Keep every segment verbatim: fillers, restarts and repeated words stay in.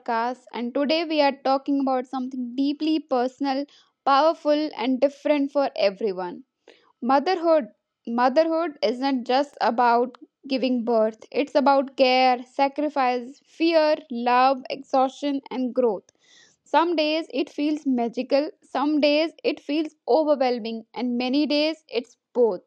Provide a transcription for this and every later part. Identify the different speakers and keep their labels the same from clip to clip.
Speaker 1: podcast. And today we are talking about something deeply personal, powerful, and different for everyone motherhood. Motherhood is not just about giving birth, it's about care, sacrifice, fear, love, exhaustion, and growth. Some days it feels magical, some days it feels overwhelming, and many days it's both.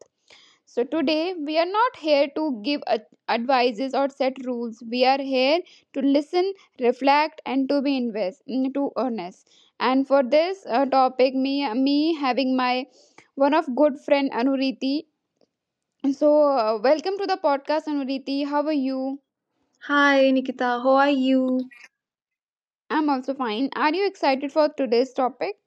Speaker 1: So, today we are not here to give ad- advices or set rules. We are here to listen, reflect, and to be invest, mm, to honest. And for this uh, topic, me, uh, me having my one of good friend Anuriti. So, uh, welcome to the podcast, Anuriti. How are you?
Speaker 2: Hi Nikita, how are you?
Speaker 1: I'm also fine. Are you excited for today's topic?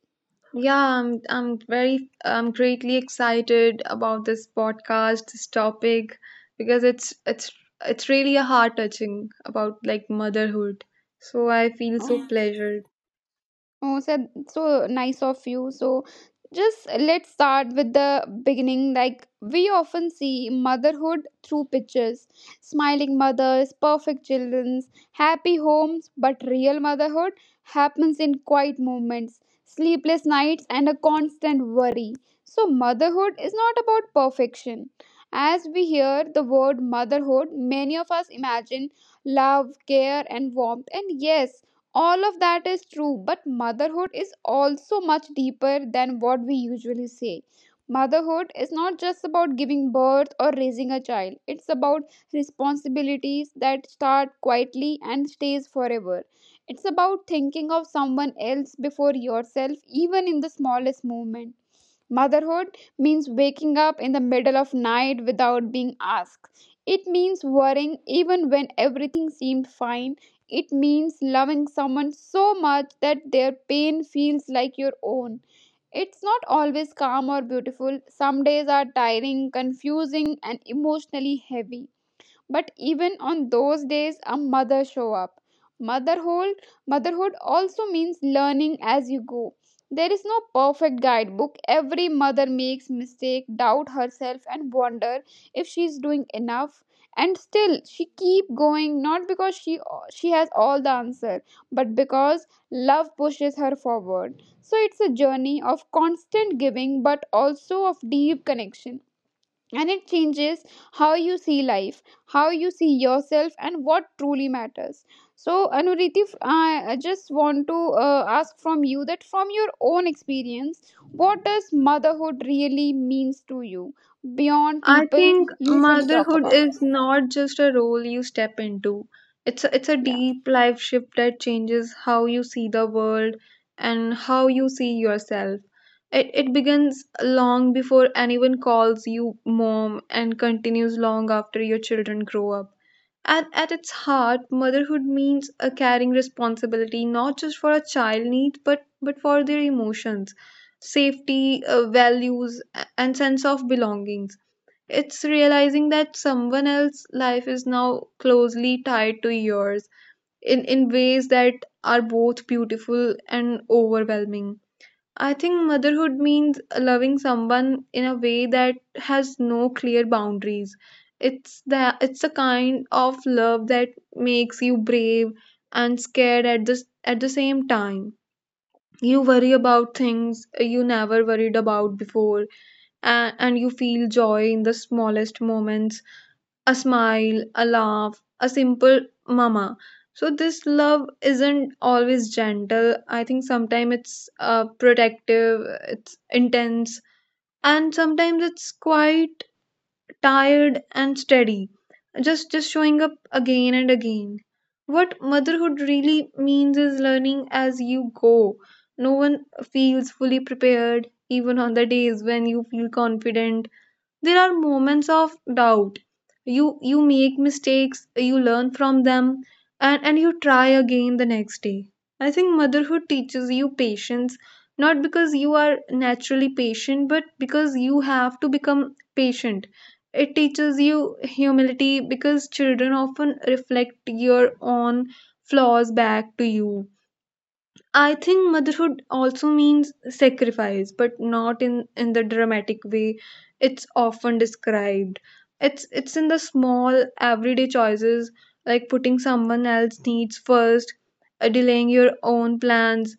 Speaker 2: Yeah, I'm I'm very I'm greatly excited about this podcast, this topic, because it's it's it's really a heart touching about like motherhood. So I feel so
Speaker 1: Oh.
Speaker 2: pleasured.
Speaker 1: Oh, so, so nice of you. So, just let's start with the beginning. Like, we often see motherhood through pictures smiling mothers, perfect children, happy homes, but real motherhood happens in quiet moments, sleepless nights, and a constant worry. So, motherhood is not about perfection. As we hear the word motherhood, many of us imagine love, care, and warmth. And yes, all of that is true, but motherhood is also much deeper than what we usually say. Motherhood is not just about giving birth or raising a child. It's about responsibilities that start quietly and stays forever. It's about thinking of someone else before yourself even in the smallest moment. Motherhood means waking up in the middle of night without being asked. It means worrying even when everything seemed fine. It means loving someone so much that their pain feels like your own. It's not always calm or beautiful. Some days are tiring, confusing, and emotionally heavy. But even on those days, a mother show up. Motherhood, motherhood also means learning as you go. There is no perfect guidebook. Every mother makes mistake, doubt herself, and wonder if she is doing enough. And still, she keep going not because she she has all the answer, but because love pushes her forward. So it's a journey of constant giving, but also of deep connection, and it changes how you see life, how you see yourself, and what truly matters. So Anuriti, f- i I just want to uh, ask from you that from your own experience what does motherhood really means to you beyond
Speaker 2: I
Speaker 1: people
Speaker 2: think
Speaker 1: usually talk
Speaker 2: motherhood is
Speaker 1: about.
Speaker 2: not just a role you step into. It's a, it's a
Speaker 1: Yeah.
Speaker 2: deep life shift that changes how you see the world and how you see yourself. It, it begins long before anyone calls you mom and continues long after your children grow up. At, at its heart, motherhood means a carrying responsibility not just for a child needs but, but for their emotions, safety, uh, values, a- and sense of belongings. It's realizing that someone else's life is now closely tied to yours in, in ways that are both beautiful and overwhelming. I think motherhood means loving someone in a way that has no clear boundaries. It's that it's a kind of love that makes you brave and scared at the at the same time. You worry about things you never worried about before, and, and you feel joy in the smallest moments, a smile, a laugh, a simple mama. So this love isn't always gentle. I think sometimes it's uh, protective, it's intense, and sometimes it's quite tired and steady. Just just showing up again and again. What motherhood really means is learning as you go. No one feels fully prepared. Even on the days when you feel confident, there are moments of doubt. You you make mistakes, you learn from them, and and you try again the next day. I think motherhood teaches you patience, not because you are naturally patient, but because you have to become patient. It teaches you humility because children often reflect your own flaws back to you. I think motherhood also means sacrifice, but not in in the dramatic way it's often described. It's it's in the small everyday choices like putting someone else's needs first, uh, delaying your own plans,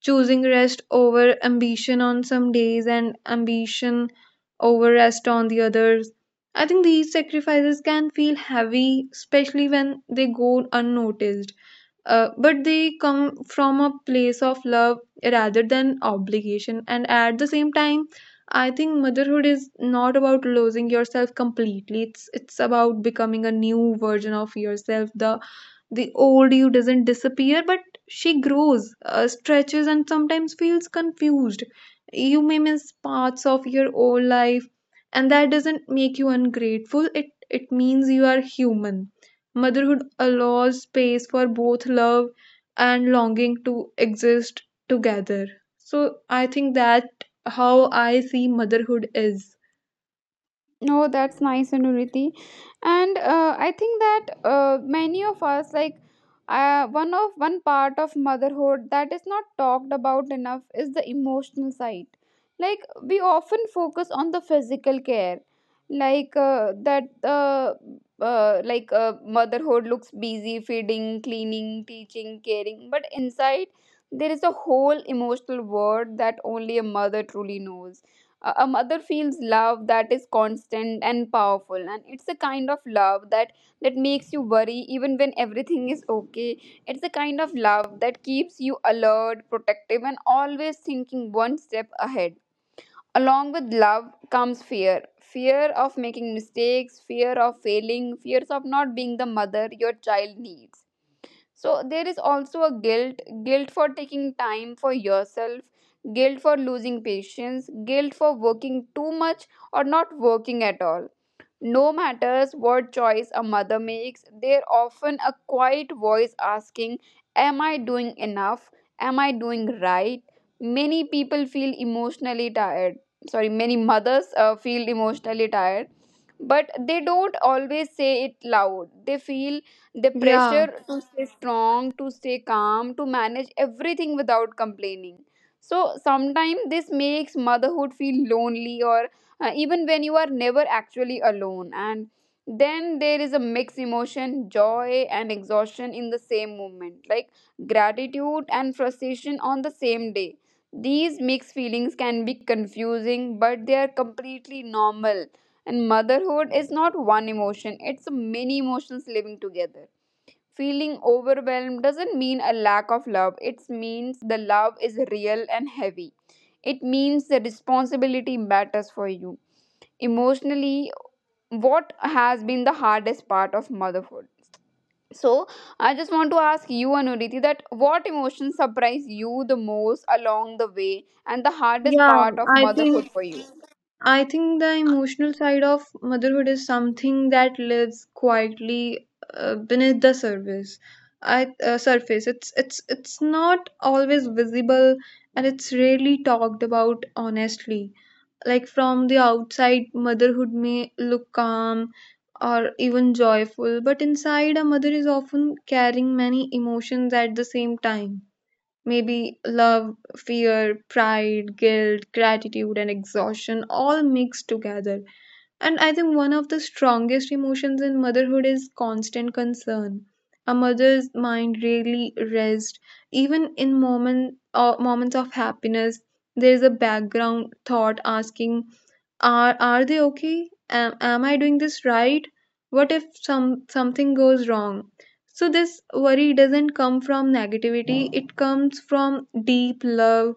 Speaker 2: choosing rest over ambition on some days and ambition over rest on the others. I think these sacrifices can feel heavy, especially when they go unnoticed, uh, but they come from a place of love rather than obligation. And at the same time, I think motherhood is not about losing yourself completely. It's it's about becoming a new version of yourself. The the old you doesn't disappear, but she grows, uh, stretches, and sometimes feels confused. You may miss parts of your old life, and that doesn't make you ungrateful. It it means you are human. Motherhood allows space for both love and longing to exist together. So I think that how I see motherhood is.
Speaker 1: No, that's nice, Anuriti. And uh, I think that uh, many of us, like uh, one of one part of motherhood that is not talked about enough is the emotional side. Like we often focus on the physical care, like uh, that uh, uh, like uh, motherhood looks busy feeding, cleaning, teaching, caring, but inside there is a whole emotional world that only a mother truly knows. A a mother feels love that is constant and powerful, and it's a kind of love that that makes you worry even when everything is okay. It's a kind of love that keeps you alert, protective, and always thinking one step ahead. Along with love comes fear, fear of making mistakes, fear of failing, fears of not being the mother your child needs. So there is also a guilt, guilt for taking time for yourself, guilt for losing patience, guilt for working too much or not working at all. No matters what choice a mother makes, there often a quiet voice asking, Am I doing enough? Am I doing right? Many people feel emotionally tired. Sorry, many mothers uh, feel emotionally tired, but they don't always say it loud. They feel the
Speaker 2: Yeah,
Speaker 1: pressure to stay strong, to stay calm, to manage everything without complaining. So sometimes this makes motherhood feel lonely or uh, even when you are never actually alone. And then there is a mixed emotion, joy and exhaustion in the same moment, like gratitude and frustration on the same day. These mixed feelings can be confusing, but they are completely normal, and motherhood is not one emotion, it's many emotions living together. Feeling overwhelmed doesn't mean a lack of love. It means the love is real and heavy. It means the responsibility matters for you. Emotionally, what has been the hardest part of motherhood? So, I just want to ask you, Anuriti, that what emotions surprise you the most along the way and the hardest
Speaker 2: yeah,
Speaker 1: part of
Speaker 2: I
Speaker 1: motherhood
Speaker 2: think
Speaker 1: for you?
Speaker 2: I think the emotional side of motherhood is something that lives quietly uh, beneath the surface. I uh, surface. It's it's it's not always visible, and it's rarely talked about honestly. Like from the outside, motherhood may look calm or even joyful, but inside, a mother is often carrying many emotions at the same time. Maybe love, fear, pride, guilt, gratitude, and exhaustion all mixed together. And I think one of the strongest emotions in motherhood is constant concern. A mother's mind rarely rests. Even in moment, uh, moments of happiness, there is a background thought asking, are are they okay? Am, am I doing this right? What if some something goes wrong? So this worry doesn't come from negativity, it comes from deep love.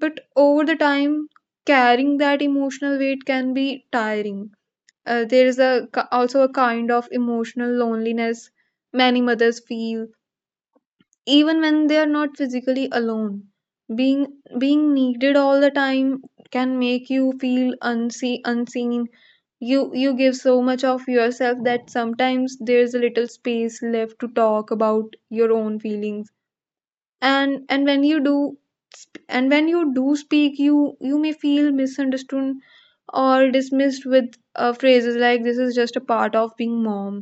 Speaker 2: But over the time, carrying that emotional weight can be tiring. Uh, there is a also a kind of emotional loneliness many mothers feel even when they are not physically alone. Being being needed all the time can make you feel unseen. Unseen you you give so much of yourself that sometimes there's a little space left to talk about your own feelings, and and when you do sp- and when you do speak you you may feel misunderstood or dismissed with uh, phrases like, this is just a part of being mom.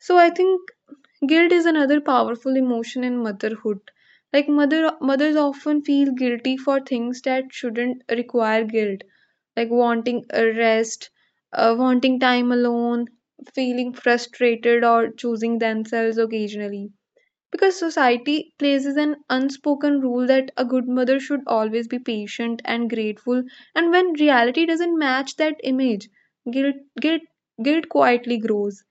Speaker 2: So I think guilt is another powerful emotion in motherhood. Like mother mothers often feel guilty for things that shouldn't require guilt, like wanting a rest, uh, wanting time alone, feeling frustrated, or choosing themselves occasionally. Because society places an unspoken rule that a good mother should always be patient and grateful, and when reality doesn't match that image, guilt guilt guilt quietly grows.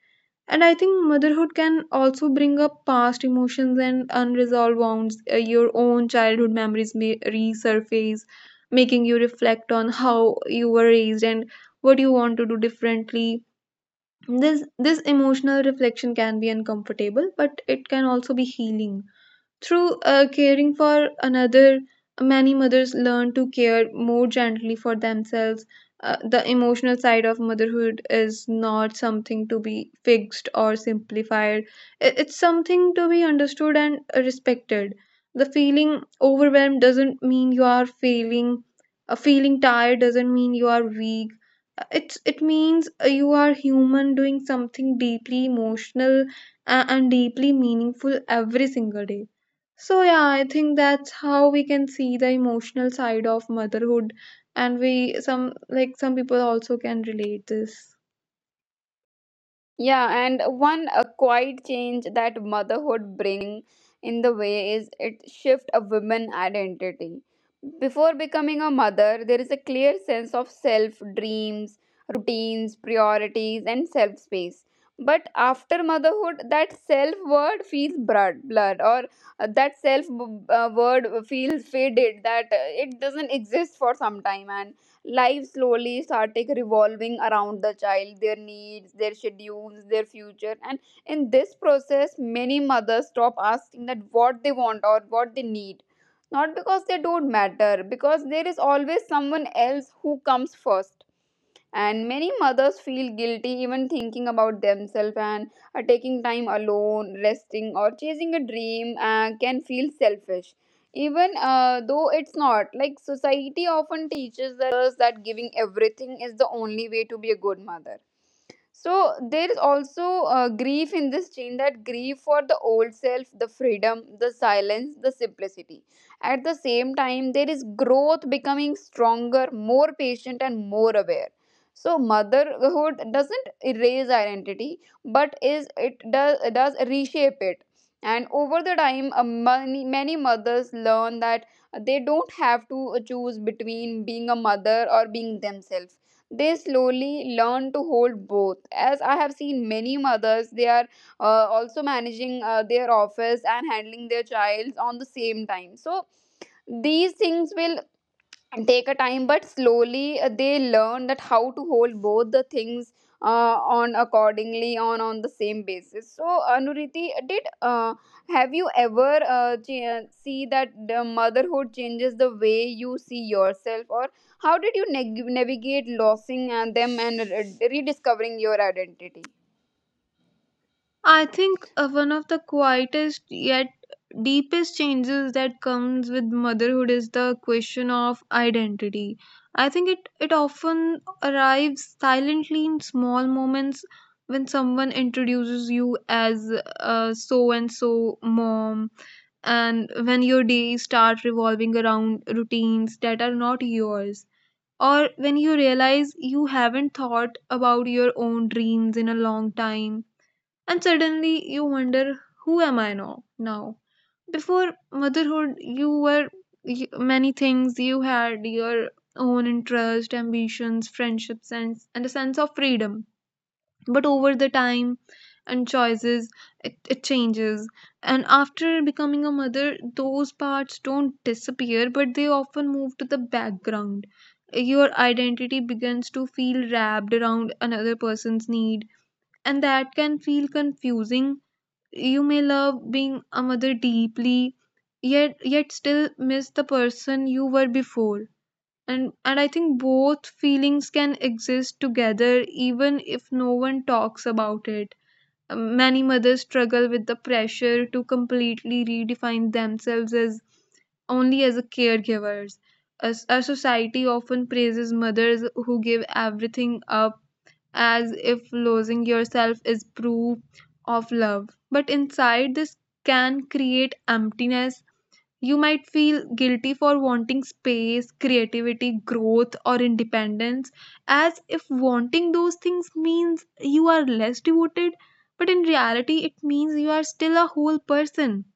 Speaker 2: And I think motherhood can also bring up past emotions and unresolved wounds. Uh, your own childhood memories may resurface, making you reflect on how you were raised and what you want to do differently. This this emotional reflection can be uncomfortable, but it can also be healing. Through uh, caring for another, many mothers learn to care more gently for themselves. Uh, the emotional side of motherhood is not something to be fixed or simplified. I- it's something to be understood and respected. The feeling overwhelmed doesn't mean you are failing, uh, feeling tired doesn't mean you are weak. Uh, It's, it means uh, you are human doing something deeply emotional a- and deeply meaningful every single day. So yeah, I think that's how we can see the emotional side of motherhood, and we some like some people also can relate this.
Speaker 1: Yeah, and one a quiet change that motherhood bring in the way is it shift a woman identity. Before becoming a mother, there is a clear sense of self, dreams, routines, priorities, and self space. But after motherhood, that self word feels blood, blurred, or uh, that self uh, word feels faded. That uh, it doesn't exist for some time, and life slowly started revolving around the child, their needs, their schedules, their future. And in this process, many mothers stop asking that what they want or what they need. Not because they don't matter, because there is always someone else who comes first, and many mothers feel guilty even thinking about themselves, and uh, taking time alone, resting, or chasing a dream uh, can feel selfish even uh, though it's not. Like society often teaches that mothers that giving everything is the only way to be a good mother. So there is also uh, grief in this chain, that grief for the old self, the freedom, the silence, the simplicity. At the same time, there is growth, becoming stronger, more patient, and more aware. So motherhood doesn't erase identity, but is it does does reshape it. And over the time, uh, many many mothers learn that they don't have to choose between being a mother or being themselves. They slowly learn to hold both. As I have seen many mothers, they are uh, also managing uh, their office and handling their childs on the same time. So these things will and take a time, but slowly uh, they learn that how to hold both the things uh, on accordingly on on the same basis. So Anuriti, did uh, have you ever uh, ch- uh, see that the motherhood changes the way you see yourself or how did you neg- navigate losing and them and uh, rediscovering your identity?
Speaker 2: I think uh, one of the quietest yet deepest changes that comes with motherhood is the question of identity. I think it, it often arrives silently in small moments when someone introduces you as uh, so and so mom, and when your days start revolving around routines that are not yours, or when you realize you haven't thought about your own dreams in a long time, and suddenly you wonder, who am I now? Now, before motherhood, you were y- many things. You had your own interest, ambitions, friendships, and and a sense of freedom, but over the time and choices it, it changes. And after becoming a mother, those parts don't disappear, but they often move to the background. Your identity begins to feel wrapped around another person's need, and that can feel confusing. You may love being a mother deeply, yet yet still miss the person you were before, and and i think both feelings can exist together, even if no one talks about it. Um, many mothers struggle with the pressure to completely redefine themselves as only as a caregivers. As our society often praises mothers who give everything up, as if losing yourself is proof of love. But inside, this can create emptiness. You might feel guilty for wanting space, creativity, growth, or independence, as if wanting those things means you are less devoted, but in reality, it means you are still a whole person.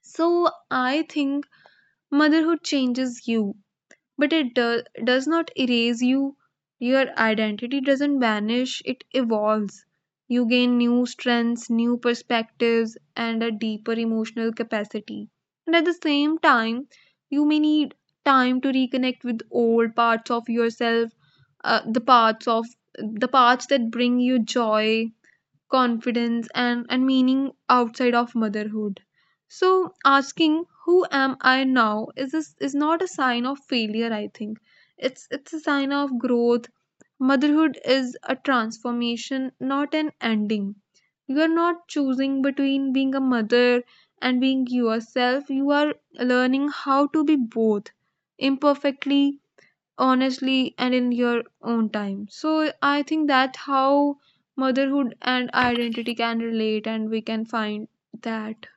Speaker 2: So I think motherhood changes you, but it do- does not erase you. Your identity doesn't vanish, it evolves. You gain new strengths, new perspectives, and a deeper emotional capacity, and at the same time, you may need time to reconnect with old parts of yourself, uh, the parts of the parts that bring you joy, confidence, and, and meaning outside of motherhood. So asking who am I now is a, is not a sign of failure, I think. It's it's a sign of growth. Motherhood is a transformation, not an ending. You are not choosing between being a mother and being yourself. You are learning how to be both imperfectly, honestly, and in your own time. So I think that how motherhood and identity can relate, and we can find that.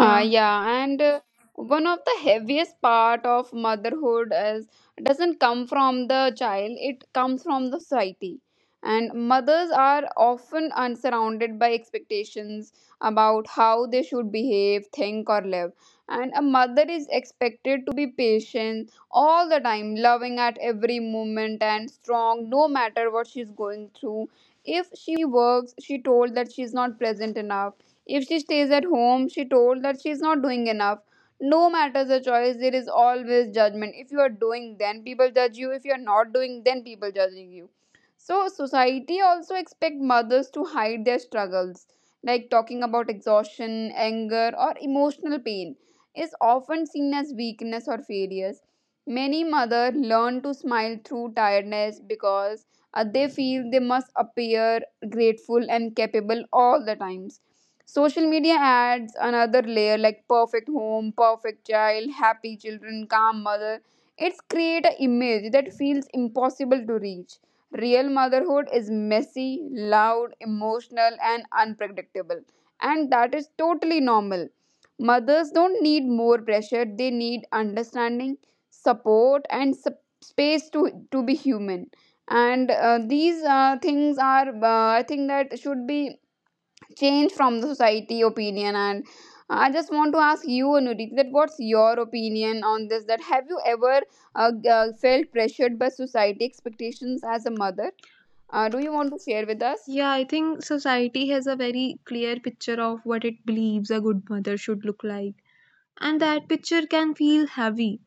Speaker 1: Uh, yeah, and uh, one of the heaviest part of motherhood is doesn't come from the child; it comes from the society. And mothers are often unsurrounded by expectations about how they should behave, think, or live. And a mother is expected to be patient all the time, loving at every moment, and strong no matter what she's going through. If she works, she told that she's not present enough. If she stays at home, she told that she is not doing enough. No matter the choice, there is always judgment. If you are doing, then people judge you. If you are not doing, then people judging you. So society also expect mothers to hide their struggles, like talking about exhaustion, anger, or emotional pain is often seen as weakness or failures. Many mothers learn to smile through tiredness because uh, they feel they must appear grateful and capable all the times. Social media adds another layer, like perfect home, perfect child, happy children, calm mother. It's create an image that feels impossible to reach. Real motherhood is messy, loud, emotional, and unpredictable, and that is totally normal. Mothers don't need more pressure, they need understanding, support, and sup- space to to be human. And uh, these uh, things are uh, I think that should be changed from the society opinion. And uh, I just want to ask you, Anuriti, that what's your opinion on this, that have you ever uh, g- uh, felt pressured by society expectations as a mother? Uh, do you want to share with us?
Speaker 2: Yeah, I think society has a very clear picture of what it believes a good mother should look like, and that picture can feel heavy.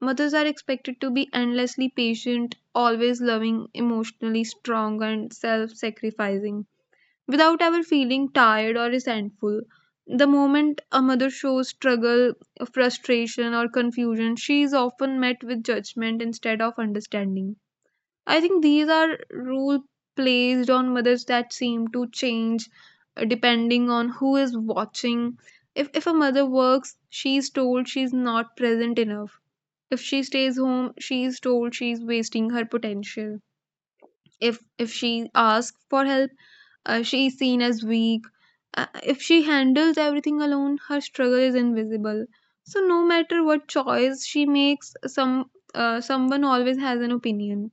Speaker 2: Mothers are expected to be endlessly patient, always loving, emotionally strong, and self sacrificing, without ever feeling tired or resentful. The moment a mother shows struggle, frustration, or confusion, she is often met with judgment instead of understanding. I think these are rules placed on mothers that seem to change uh, depending on who is watching. If, if a mother works, she is told she is not present enough. If she stays home, she is told she is wasting her potential. If if she asks for help, uh, she is seen as weak. Uh, if she handles everything alone, her struggle is invisible. So no matter what choice she makes, some uh, someone always has an opinion.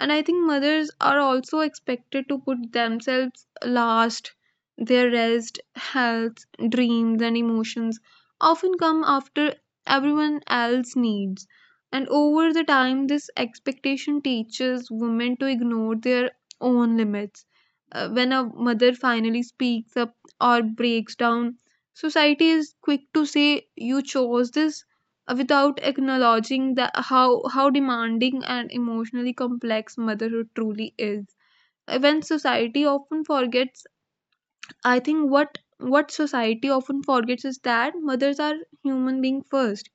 Speaker 2: And I think mothers are also expected to put themselves last. Their rest, health, dreams, and emotions often come after everyone else needs. And over the time, this expectation teaches women to ignore their own limits. Uh, when a mother finally speaks up or breaks down, society is quick to say, you chose this, uh, without acknowledging that how, how demanding and emotionally complex motherhood truly is. Uh, When society often forgets, I think what what society often forgets is that mothers are human beings first.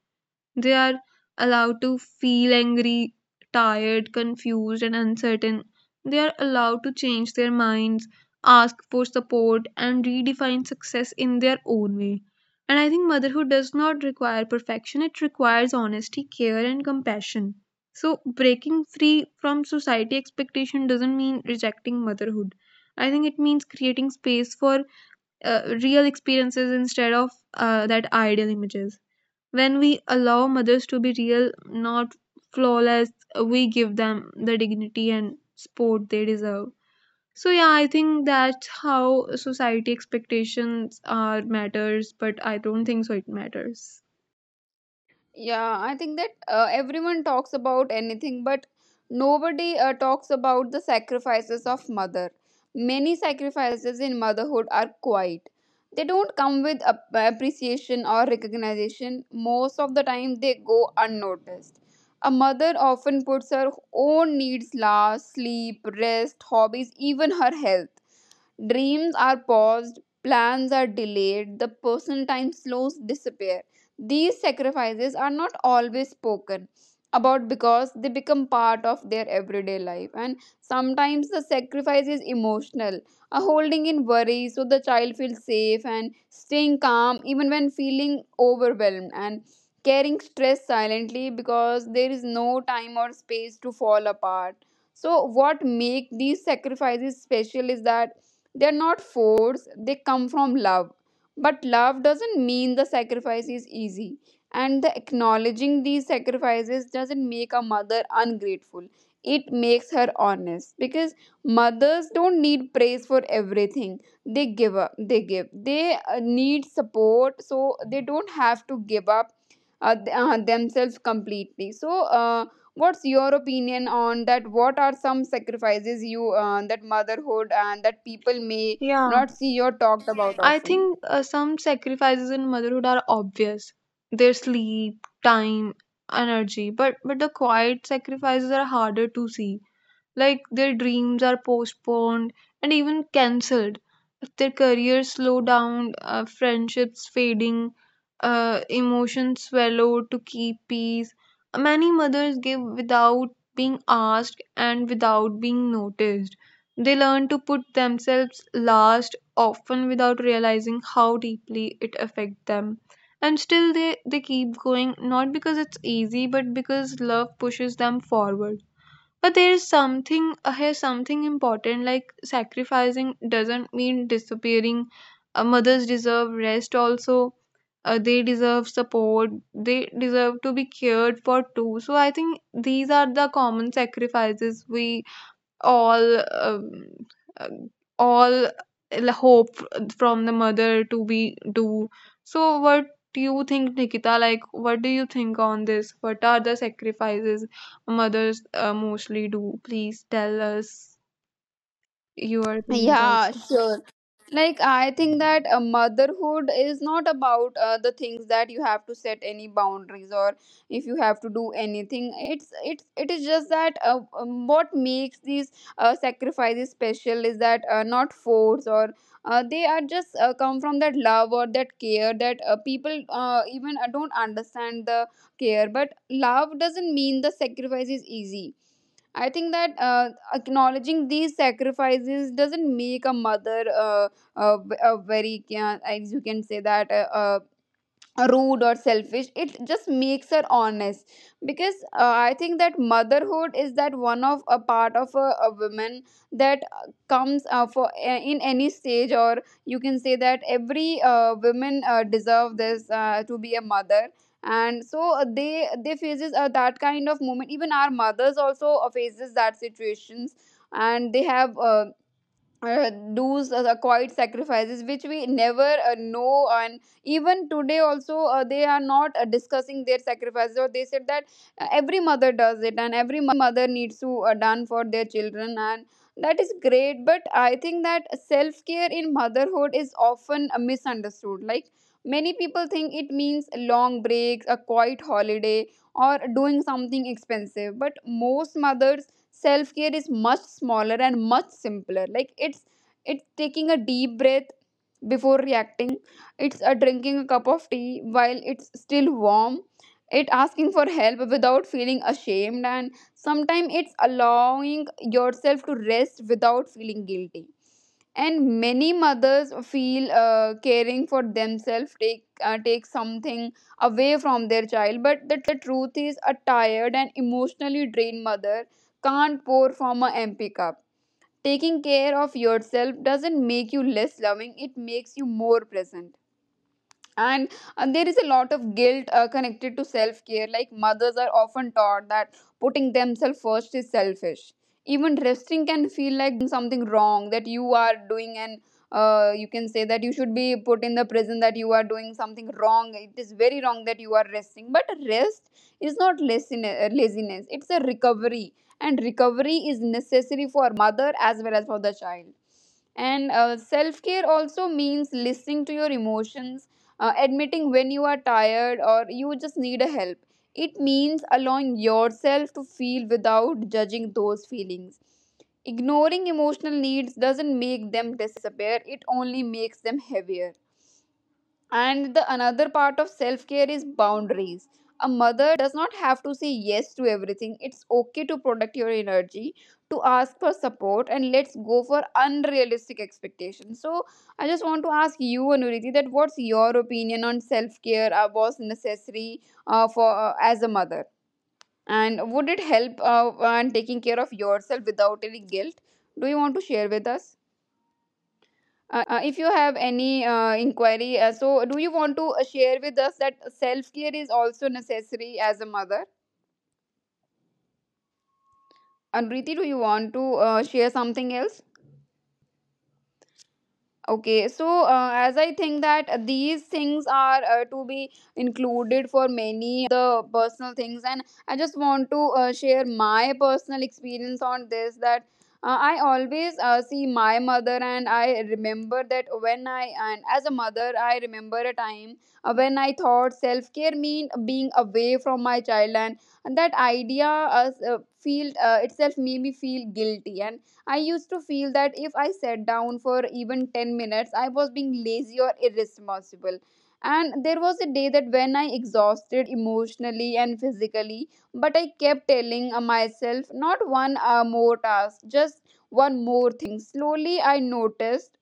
Speaker 2: They are allowed to feel angry, tired, confused, and uncertain. They are allowed to change their minds, ask for support, and redefine success in their own way. And I think motherhood does not require perfection, it requires honesty, care, and compassion. So breaking free from society expectation doesn't mean rejecting motherhood. I think it means creating space for uh, real experiences instead of uh, that ideal images. When we allow mothers to be real, not flawless, we give them the dignity and support they deserve. So yeah, I think that's how society expectations are matters, but I don't think so it matters.
Speaker 1: Yeah, I think that uh, everyone talks about anything, but nobody uh, talks about the sacrifices of mother. Many sacrifices in motherhood are quiet. They don't come with ap- appreciation or recognition. Most of the time, they go unnoticed. A mother often puts her own needs last, sleep, rest, hobbies, even her health. Dreams are paused, plans are delayed, the personal time slows disappear. These sacrifices are not always spoken about because they become part of their everyday life. And sometimes the sacrifice is emotional, a holding in worry so the child feels safe, and staying calm even when feeling overwhelmed, and carrying stress silently because there is no time or space to fall apart. So what make these sacrifices special is that they're not forced, they come from love. But love doesn't mean the sacrifice is easy. And the acknowledging these sacrifices doesn't make a mother ungrateful. It makes her honest, because mothers don't need praise for everything. They give up, they give. They uh, need support so they don't have to give up uh, th- uh, themselves completely. So, uh, what's your opinion on that? What are some sacrifices you uh, that motherhood and that people may
Speaker 2: Yeah,
Speaker 1: not see or talked about
Speaker 2: I
Speaker 1: often?
Speaker 2: think uh, some sacrifices in motherhood are obvious. Their sleep, time, energy, but but the quiet sacrifices are harder to see, like their dreams are postponed and even cancelled. If their careers slow down, uh, friendships fading, uh, emotions swallow to keep peace. Many mothers give without being asked and without being noticed. They learn to put themselves last, often without realizing how deeply it affects them, and still they, they keep going, not because it's easy, but because love pushes them forward. But there is something uh, here's something important, like sacrificing doesn't mean disappearing. Uh, mothers deserve rest also. Uh, they deserve support. They deserve to be cared for too. So I think these are the common sacrifices we all um, uh, all l- hope from the mother to be do. So what do you think, Nikita, like what do you think on this? What are the sacrifices mothers uh, mostly do? Please tell us your opinions
Speaker 1: Yeah
Speaker 2: also.
Speaker 1: sure. Like I think that uh, motherhood is not about uh, the things that you have to set any boundaries or if you have to do anything. it's it's it is just that uh, um, what makes these uh, sacrifices special is that uh, not force or uh, they are just uh, come from that love or that care that uh, people uh, even uh, don't understand the care. But love doesn't mean the sacrifice is easy. I think that uh, acknowledging these sacrifices doesn't make a mother uh, uh, v- uh, very, uh, as you can say, that uh, uh, rude or selfish. It just makes her honest, because uh, I think that motherhood is that one of a part of a, a woman that uh, comes uh, for uh, in any stage, or you can say that every uh, women uh, deserve this uh, to be a mother. And so uh, they they faces uh, that kind of moment. Even our mothers also uh, faces that situations, and they have uh, uh, do's uh, quiet sacrifices which we never uh, know. And even today also uh, they are not uh, discussing their sacrifices, or they said that uh, every mother does it, and every mother needs to uh, done for their children, and that is great. But I think that self care in motherhood is often uh, misunderstood. Like, many people think it means long breaks, a quiet holiday, or doing something expensive, but most mothers' self care is much smaller and much simpler. Like, it's it's taking a deep breath before reacting. It's a drinking a cup of tea while it's still warm. It asking for help without feeling ashamed. And sometimes it's allowing yourself to rest without feeling guilty. And many mothers feel uh, caring for themselves take uh, take something away from their child, but the truth is a tired and emotionally drained mother can't pour from a empty cup. Taking care of yourself doesn't make you less loving, it makes you more present. And uh, there is a lot of guilt uh, connected to self care. Like, mothers are often taught that putting themselves first is selfish. Even resting can feel like doing something wrong that you are doing, and uh, you can say that you should be put in the prison, that you are doing something wrong. It is very wrong that you are resting. But rest is not laziness, laziness. It's a recovery, and recovery is necessary for mother as well as for the child. And uh, self care also means listening to your emotions, uh, admitting when you are tired or you just need a help. It means allowing yourself to feel without judging those feelings. Ignoring emotional needs doesn't make them disappear, it only makes them heavier. And the another part of self care is boundaries. A mother does not have to say yes to everything. It's okay to protect your energy, to ask for support, and let's go for unrealistic expectations. So, I just want to ask you, Anuriti, that what's your opinion on self care? Uh, was necessary uh, for uh, as a mother, and would it help uh, on taking care of yourself without any guilt? Do you want to share with us? Uh, if you have any uh, inquiry, uh, so do you want to uh, share with us that self care is also necessary as a mother? And Riti, do you want to uh, share something else? Okay, so uh, as I think that these things are uh, to be included for many of the personal things, and I just want to uh, share my personal experience on this, that uh, I always uh, see my mother, and I remember that when I, and as a mother, I remember a time uh, when I thought self care mean being away from my child, and that idea uh, s- uh, feel uh, itself made me feel guilty. And I used to feel that if I sat down for even ten minutes, I was being lazy or irresponsible. And there was a day that when I exhausted emotionally and physically, but I kept telling uh, myself, not one uh, more task, just one more thing. Slowly, I noticed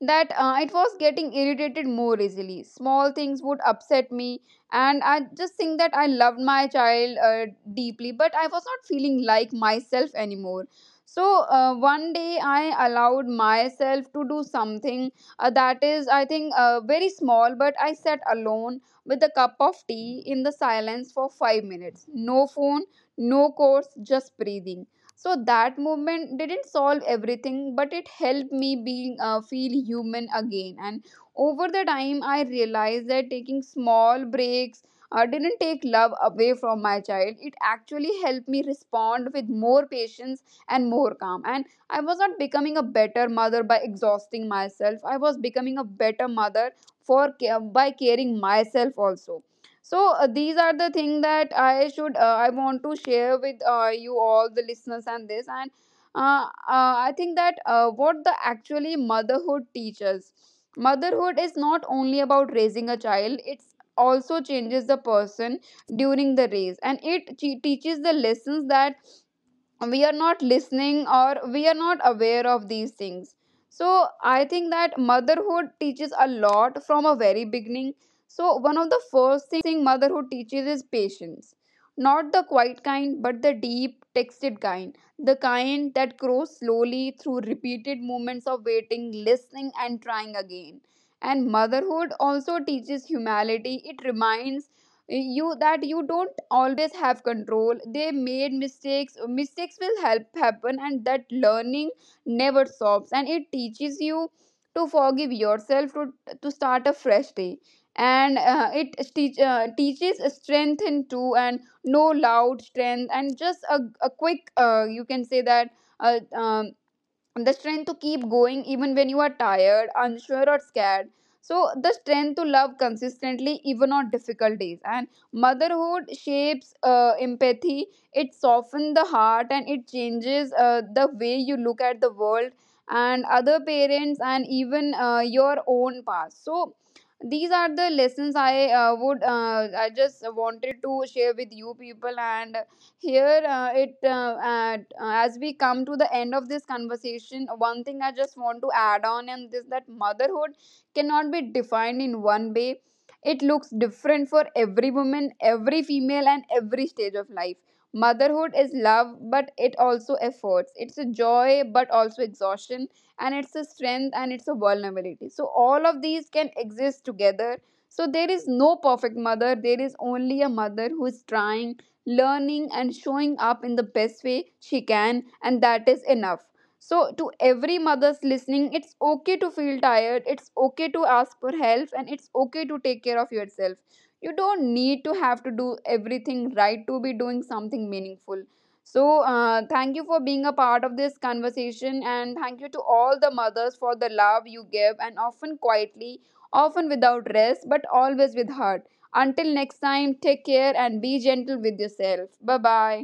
Speaker 1: that uh, it was getting irritated more easily. Small things would upset me, and I just think that I loved my child uh, deeply, but I was not feeling like myself anymore. So uh, one day I allowed myself to do something uh, that is, I think, uh, very small, but I sat alone with a cup of tea in the silence for five minutes. No phone, no course, just breathing. So that movement didn't solve everything, but it helped me being uh, feel human again. And over the time I realized that taking small breaks uh, didn't take love away from my child, it actually helped me respond with more patience and more calm. And I was not becoming a better mother by exhausting myself, I was becoming a better mother for ca- by caring myself also. So uh, these are the thing that I should uh, i want to share with uh, you all the listeners. And this and uh, uh, I think that uh, what the actually motherhood teaches, motherhood is not only about raising a child, it's also changes the person during the race. And it che- teaches the lessons that we are not listening or we are not aware of these things. So I think that motherhood teaches a lot from a very beginning. So one of the first thing motherhood teaches is patience, not the quiet kind, but the deep texted kind, the kind that grows slowly through repeated moments of waiting, listening, and trying again. And motherhood also teaches humility. It reminds you that you don't always have control. They made mistakes. Mistakes will help happen, and that learning never stops. And it teaches you to forgive yourself, to to start a fresh day. And uh, it teach, uh, teaches strength, in two and no loud strength, and just a, a quick, uh, you can say that, uh, um, the strength to keep going even when you are tired, unsure, or scared. So the strength to love consistently even on difficult days. And motherhood shapes uh, empathy. It softens the heart, and it changes uh, the way you look at the world and other parents, and even uh, your own past. So these are the lessons I uh, would, uh, I just wanted to share with you people. And here uh, it uh, at, uh, as we come to the end of this conversation, one thing I just want to add on, and this, that motherhood cannot be defined in one way. It looks different for every woman, every female, and every stage of life. Motherhood is love, but it also efforts. It's a joy, but also exhaustion. And it's a strength, and it's a vulnerability. So all of these can exist together. So there is no perfect mother, there is only a mother who is trying, learning, and showing up in the best way she can, and that is enough. So to every mother's listening, it's okay to feel tired, it's okay to ask for help, and it's okay to take care of yourself. You don't need to have to do everything right to be doing something meaningful. So uh, thank you for being a part of this conversation, and thank you to all the mothers for the love you give, and often quietly, often without rest, but always with heart. Until next time, take care and be gentle with yourself. Bye bye.